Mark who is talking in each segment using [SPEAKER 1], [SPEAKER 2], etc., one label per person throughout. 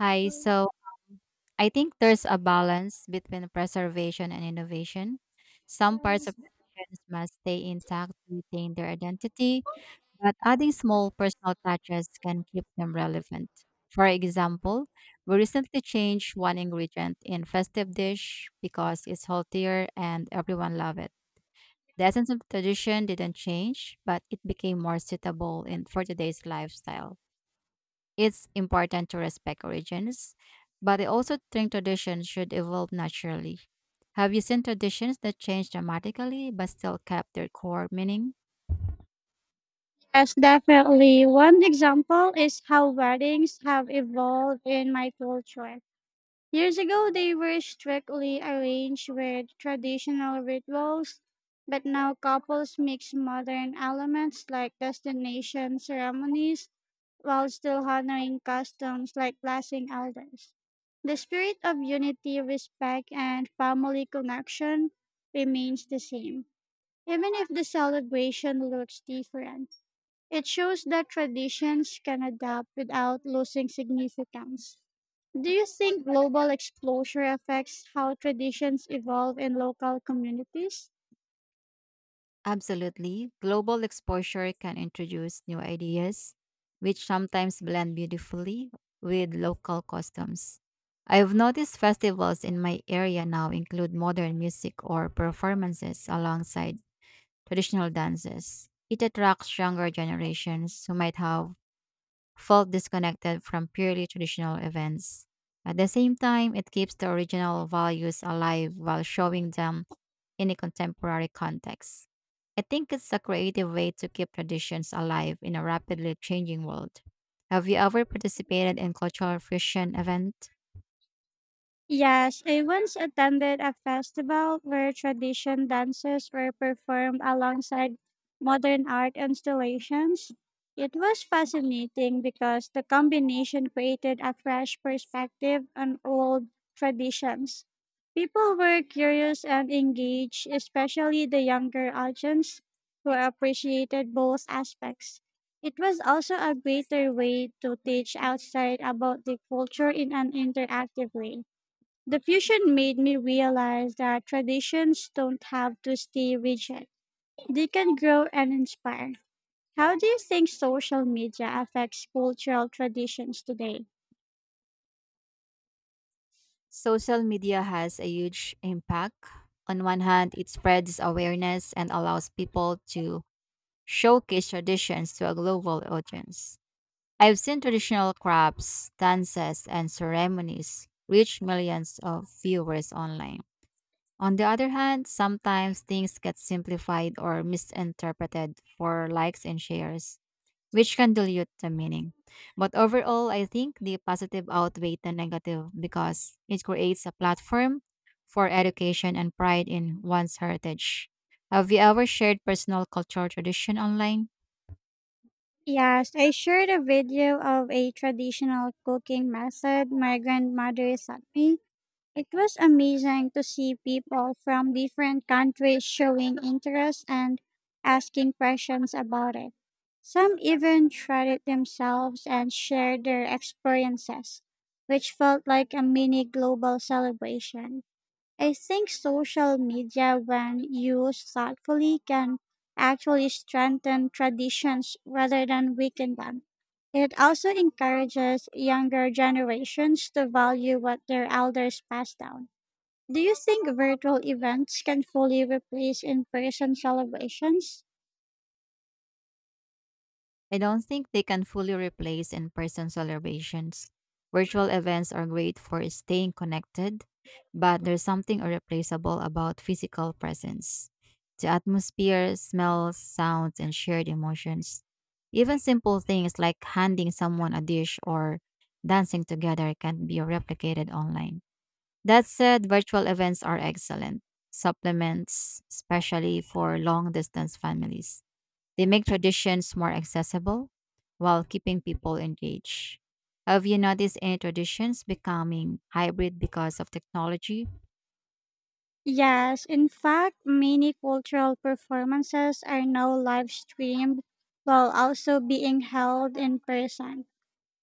[SPEAKER 1] Hi. So um, I think there's a balance between preservation and innovation. Some parts of traditions must stay intact to retain their identity, but adding small personal touches can keep them relevant. For example, we recently changed one ingredient in festive dish because it's healthier and everyone loved it. The essence of tradition didn't change, but it became more suitable in for today's lifestyle. It's important to respect origins, but I also think traditions should evolve naturally. Have you seen traditions that change dramatically but still kept their core meaning?
[SPEAKER 2] Yes, definitely. One example is how weddings have evolved in my culture. Years ago, they were strictly arranged with traditional rituals, but now couples mix modern elements like destination ceremonies while still honoring customs like blessing elders. The spirit of unity, respect, and family connection remains the same. Even if the celebration looks different, it shows that traditions can adapt without losing significance. Do you think global exposure affects how traditions evolve in local communities?
[SPEAKER 1] Absolutely. Global exposure can introduce new ideas, which sometimes blend beautifully with local customs. I've noticed festivals in my area now include modern music or performances alongside traditional dances. It attracts younger generations who might have felt disconnected from purely traditional events. At the same time, it keeps the original values alive while showing them in a contemporary context. I think it's a creative way to keep traditions alive in a rapidly changing world. Have you ever participated in cultural fusion event?
[SPEAKER 2] Yes, I once attended a festival where tradition dances were performed alongside modern art installations. It was fascinating because the combination created a fresh perspective on old traditions. People were curious and engaged, especially the younger audience who appreciated both aspects. It was also a greater way to teach outside about the culture in an interactive way. The fusion made me realize that traditions don't have to stay rigid. They can grow and inspire. How do you think social media affects cultural traditions today?
[SPEAKER 1] Social media has a huge impact. On one hand, it spreads awareness and allows people to showcase traditions to a global audience. I've seen traditional crafts, dances, and ceremonies reach millions of viewers online. On the other hand, sometimes things get simplified or misinterpreted for likes and shares, which can dilute the meaning. But overall, I think the positive outweighs the negative because it creates a platform for education and pride in one's heritage. Have you ever shared personal cultural tradition online?
[SPEAKER 2] Yes, I shared a video of a traditional cooking method my grandmother sent me. It was amazing to see people from different countries showing interest and asking questions about it. Some even tried it themselves and shared their experiences, which felt like a mini global celebration. I think social media, when used thoughtfully, can actually strengthen traditions rather than weaken them. It also encourages younger generations to value what their elders pass down. Do you think virtual events can fully replace in person celebrations?
[SPEAKER 1] I don't think they can fully replace in person celebrations. Virtual events are great for staying connected, but there's something irreplaceable about physical presence. The atmosphere, smells, sounds, and shared emotions. Even simple things like handing someone a dish or dancing together can't be replicated online. That said, virtual events are excellent supplements, especially for long distance families. They make traditions more accessible while keeping people engaged. Have you noticed any traditions becoming hybrid because of technology?
[SPEAKER 2] Yes, in fact, many cultural performances are now live streamed while also being held in person.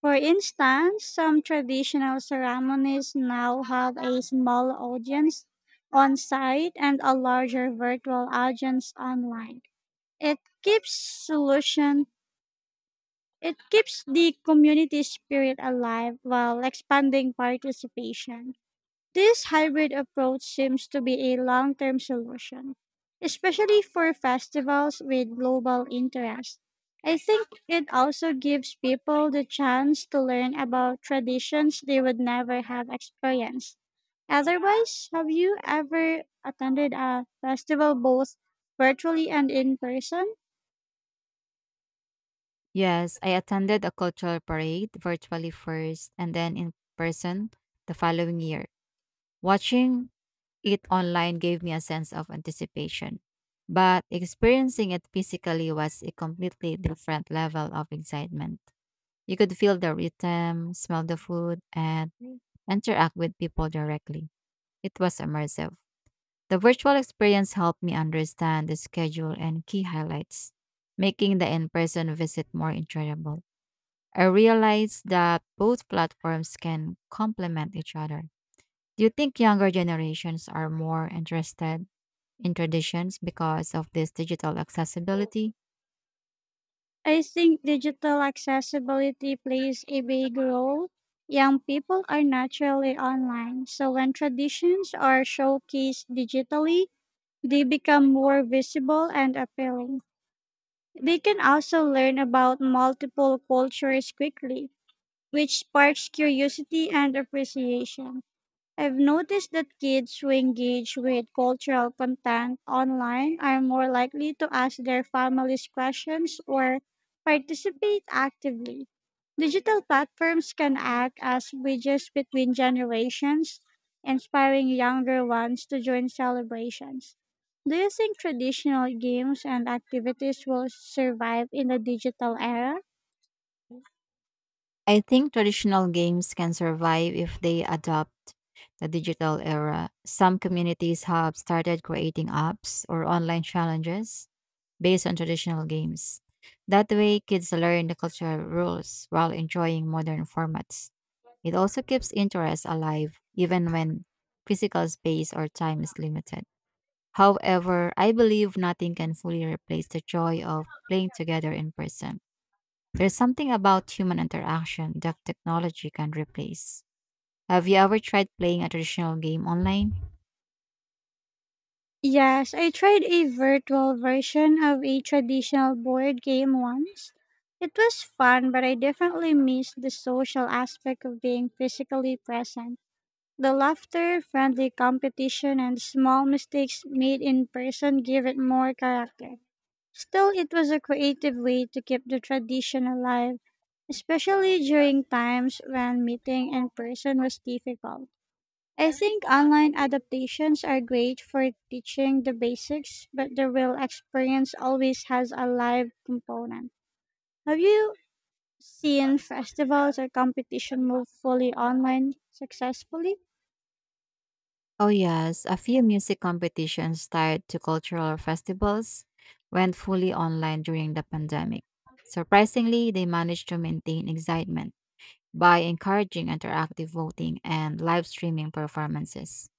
[SPEAKER 2] For instance, some traditional ceremonies now have a small audience on site and a larger virtual audience online. It keeps solution it keeps the community spirit alive while expanding participation. This hybrid approach seems to be a long term solution, especially for festivals with global interest. I think it also gives people the chance to learn about traditions they would never have experienced. Otherwise, have you ever attended a festival both virtually and in person?
[SPEAKER 1] Yes, I attended a cultural parade virtually first and then in person the following year. Watching it online gave me a sense of anticipation, but experiencing it physically was a completely different level of excitement. You could feel the rhythm, smell the food, and interact with people directly. It was immersive. The virtual experience helped me understand the schedule and key highlights, making the in person visit more enjoyable. I realized that both platforms can complement each other. Do you think younger generations are more interested in traditions because of this digital accessibility?
[SPEAKER 2] I think digital accessibility plays a big role. Young people are naturally online, so when traditions are showcased digitally, they become more visible and appealing. They can also learn about multiple cultures quickly, which sparks curiosity and appreciation. I've noticed that kids who engage with cultural content online are more likely to ask their families questions or participate actively. Digital platforms can act as bridges between generations, inspiring younger ones to join celebrations. Do you think traditional games and activities will survive in the digital era?
[SPEAKER 1] I think traditional games can survive if they adopt the digital era. Some communities have started creating apps or online challenges based on traditional games. That way, kids learn the cultural rules while enjoying modern formats. It also keeps interest alive even when physical space or time is limited. However, I believe nothing can fully replace the joy of playing together in person. There's something about human interaction that technology can replace. Have you ever tried playing a traditional game online?
[SPEAKER 2] Yes, I tried a virtual version of a traditional board game once. It was fun, but I definitely missed the social aspect of being physically present. The laughter, friendly competition, and small mistakes made in person give it more character. Still, it was a creative way to keep the tradition alive, especially during times when meeting in person was difficult. I think online adaptations are great for teaching the basics, but the real experience always has a live component. Have you seen festivals or competition move fully online successfully?
[SPEAKER 1] Oh, yes, a few music competitions tied to cultural festivals went fully online during the pandemic. Surprisingly, they managed to maintain excitement by encouraging interactive voting and live streaming performances.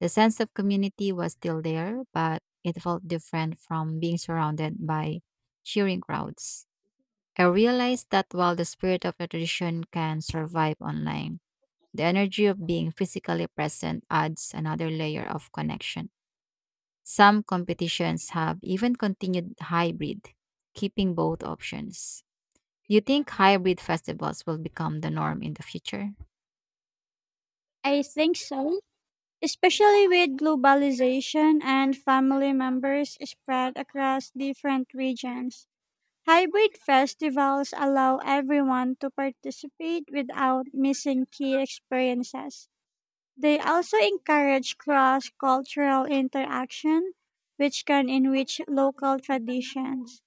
[SPEAKER 1] The sense of community was still there, but it felt different from being surrounded by cheering crowds. I realized that while the spirit of a tradition can survive online, the energy of being physically present adds another layer of connection. Some competitions have even continued hybrid, keeping both options. Do you think hybrid festivals will become the norm in the future?
[SPEAKER 2] I think so, especially with globalization and family members spread across different regions. Hybrid festivals allow everyone to participate without missing key experiences. They also encourage cross cultural interaction, which can enrich local traditions.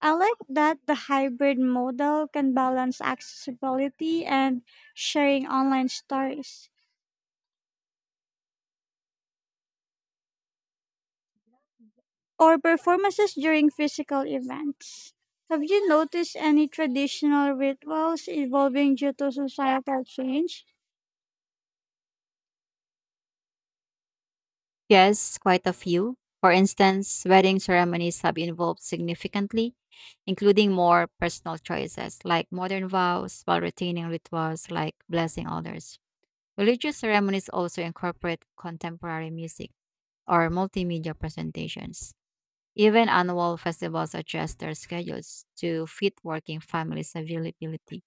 [SPEAKER 2] I like that the hybrid model can balance accessibility and sharing online stories or performances during physical events. Have you noticed any traditional rituals evolving due to societal change?
[SPEAKER 1] Yes, quite a few. For instance, wedding ceremonies have evolved significantly, including more personal choices like modern vows while retaining rituals like blessing others. Religious ceremonies also incorporate contemporary music or multimedia presentations. Even annual festivals adjust their schedules to fit working families' availability.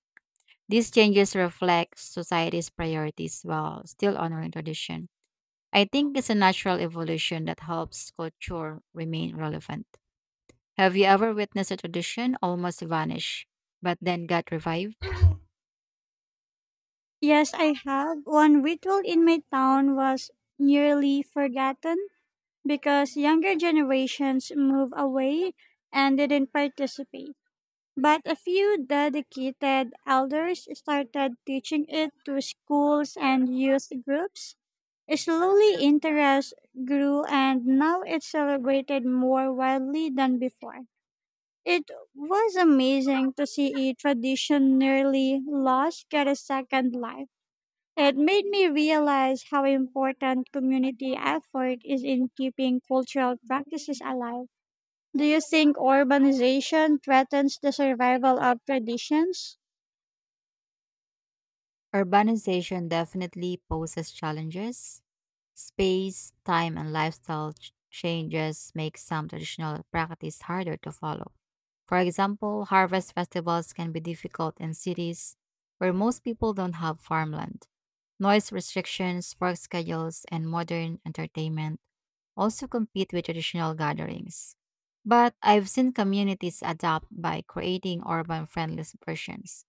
[SPEAKER 1] These changes reflect society's priorities while still honoring tradition. I think it's a natural evolution that helps culture remain relevant. Have you ever witnessed a tradition almost vanish, but then got revived?
[SPEAKER 2] Yes, I have. One ritual in my town was nearly forgotten because younger generations moved away and didn't participate. But a few dedicated elders started teaching it to schools and youth groups. Slowly, interest grew, and now it's celebrated more widely than before. It was amazing to see a tradition nearly lost get a second life. It made me realize how important community effort is in keeping cultural practices alive. Do you think urbanization threatens the survival of traditions?
[SPEAKER 1] Urbanization definitely poses challenges. Space, time, and lifestyle changes make some traditional practice harder to follow. For example, harvest festivals can be difficult in cities where most people don't have farmland. Noise restrictions, work schedules, and modern entertainment also compete with traditional gatherings. But I've seen communities adapt by creating urban friendly versions,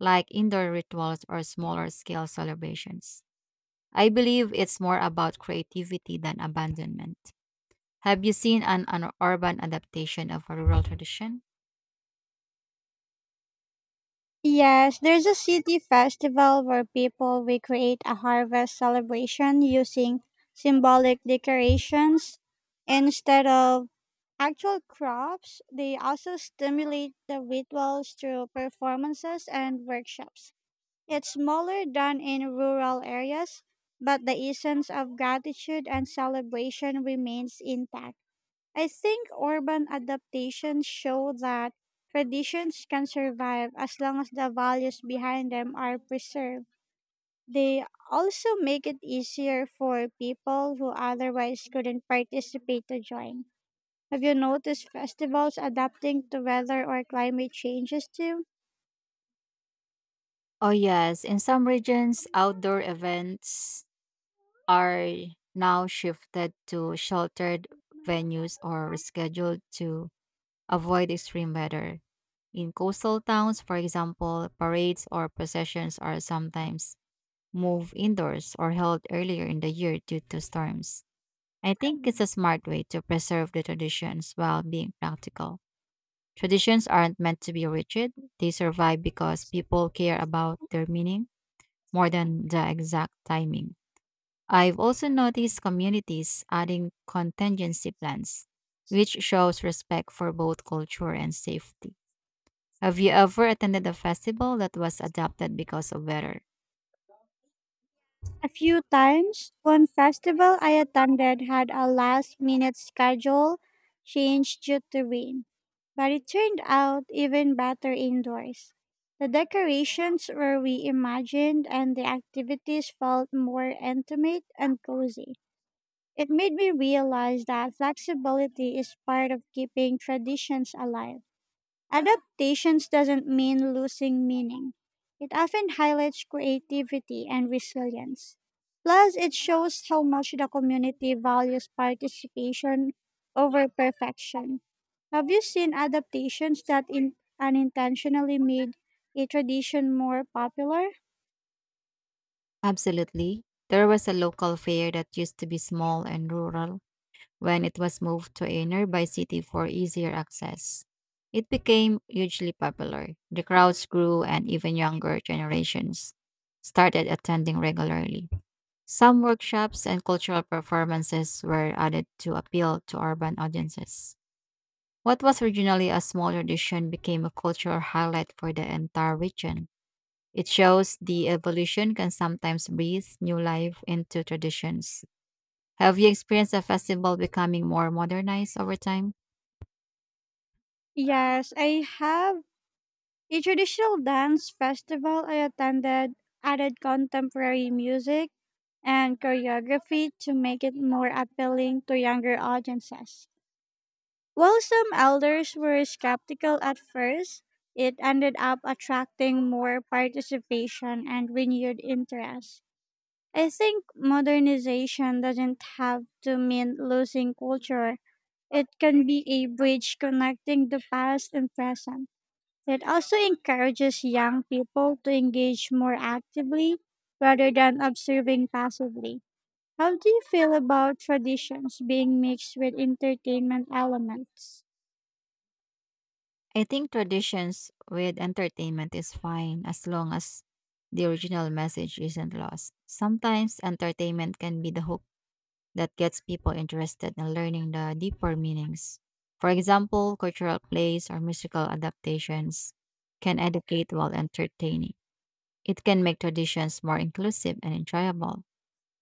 [SPEAKER 1] like indoor rituals or smaller scale celebrations. I believe it's more about creativity than abandonment. Have you seen an urban adaptation of a rural tradition?
[SPEAKER 2] Yes, there's a city festival where people recreate a harvest celebration using symbolic decorations instead of actual crops. They also stimulate the rituals through performances and workshops. It's smaller than in rural areas, but the essence of gratitude and celebration remains intact. I think urban adaptations show that traditions can survive as long as the values behind them are preserved. They also make it easier for people who otherwise couldn't participate to join. Have you noticed festivals adapting to weather or climate changes too?
[SPEAKER 1] Oh, yes. In some regions, outdoor events are now shifted to sheltered venues or rescheduled to avoid extreme weather. In coastal towns, for example, parades or processions are sometimes moved indoors or held earlier in the year due to storms. I think it's a smart way to preserve the traditions while being practical. Traditions aren't meant to be rigid, they survive because people care about their meaning more than the exact timing. I've also noticed communities adding contingency plans, which shows respect for both culture and safety. Have you ever attended a festival that was adapted because of weather?
[SPEAKER 2] A few times, one festival I attended had a last minute schedule change due to rain, but it turned out even better indoors. The decorations were reimagined and the activities felt more intimate and cozy. It made me realize that flexibility is part of keeping traditions alive. Adaptations doesn't mean losing meaning. It often highlights creativity and resilience. Plus, it shows how much the community values participation over perfection. Have you seen adaptations that unintentionally made a tradition more popular?
[SPEAKER 1] Absolutely. There was a local fair that used to be small and rural when it was moved to a nearby city for easier access. It became hugely popular. The crowds grew, and even younger generations started attending regularly. Some workshops and cultural performances were added to appeal to urban audiences. What was originally a small tradition became a cultural highlight for the entire region. It shows the evolution can sometimes breathe new life into traditions. Have you experienced a festival becoming more modernized over time?
[SPEAKER 2] Yes, I have. A traditional dance festival I attended added contemporary music and choreography to make it more appealing to younger audiences. While some elders were skeptical at first, it ended up attracting more participation and renewed interest. I think modernization doesn't have to mean losing culture. It can be a bridge connecting the past and present. It also encourages young people to engage more actively rather than observing passively. How do you feel about traditions being mixed with entertainment elements?
[SPEAKER 1] I think traditions with entertainment is fine as long as the original message isn't lost. Sometimes entertainment can be the hook that gets people interested in learning the deeper meanings. For example, cultural plays or musical adaptations can educate while entertaining. It can make traditions more inclusive and enjoyable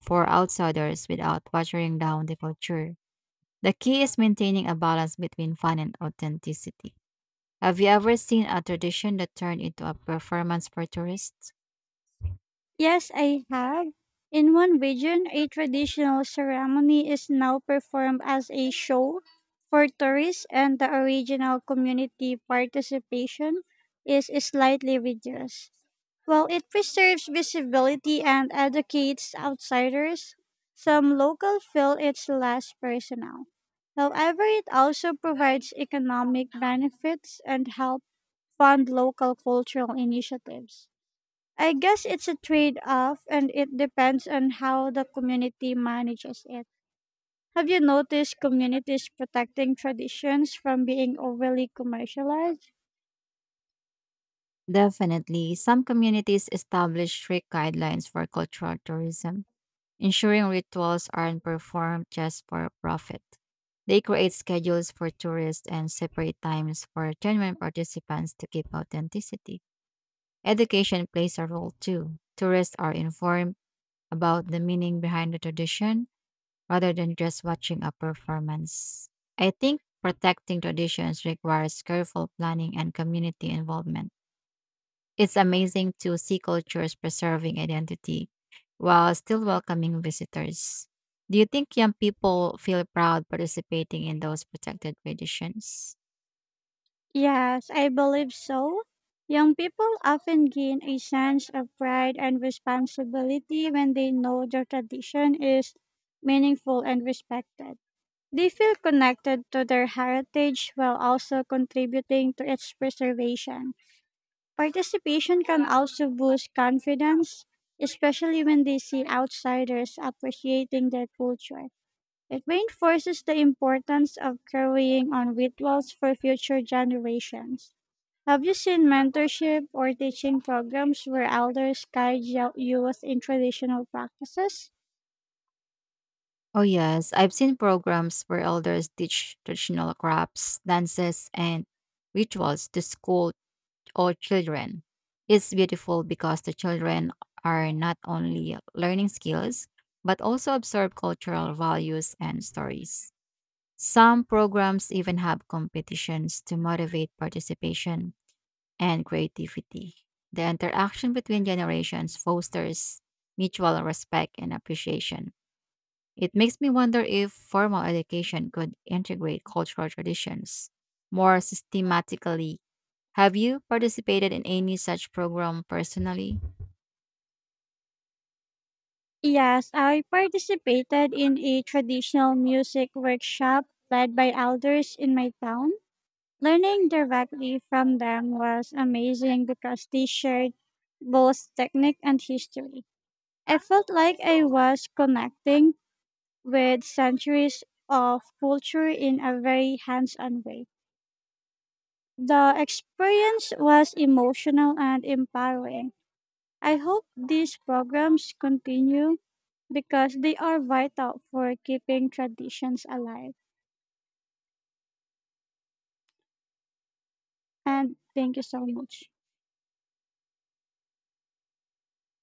[SPEAKER 1] for outsiders without watering down the culture. The key is maintaining a balance between fun and authenticity. Have you ever seen a tradition that turned into a performance for tourists?
[SPEAKER 2] Yes, I have. In one region, a traditional ceremony is now performed as a show for tourists, and the original community participation is slightly reduced. While it preserves visibility and educates outsiders, some locals feel it's less personal. However, it also provides economic benefits and help fund local cultural initiatives. I guess it's a trade off and it depends on how the community manages it. Have you noticed communities protecting traditions from being overly commercialized?
[SPEAKER 1] Definitely, some communities establish strict guidelines for cultural tourism, ensuring rituals aren't performed just for profit. They create schedules for tourists and separate times for genuine participants to keep authenticity. Education plays a role too. Tourists are informed about the meaning behind the tradition, rather than just watching a performance. I think protecting traditions requires careful planning and community involvement. It's amazing to see cultures preserving identity while still welcoming visitors. Do you think young people feel proud participating in those protected traditions?
[SPEAKER 2] Yes, I believe so. Young people often gain a sense of pride and responsibility when they know their tradition is meaningful and respected. They feel connected to their heritage while also contributing to its preservation. Participation can also boost confidence, especially when they see outsiders appreciating their culture. It reinforces the importance of carrying on rituals for future generations. Have you seen mentorship or teaching programs where elders guide youth in traditional practices?
[SPEAKER 1] Oh, yes. I've seen programs where elders teach traditional crafts, dances, and rituals to school or children. It's beautiful because the children are not only learning skills, but also absorb cultural values and stories. Some programs even have competitions to motivate participation and creativity. The interaction between generations fosters mutual respect and appreciation. It makes me wonder if formal education could integrate cultural traditions more systematically. Have you participated in any such program personally?
[SPEAKER 2] Yes, I participated in a traditional music workshop led by elders in my town. Learning directly from them was amazing because they shared both technique and history. I felt like I was connecting with centuries of culture in a very hands on way. The experience was emotional and empowering. I hope these programs continue because they are vital for keeping traditions alive. And thank you so much.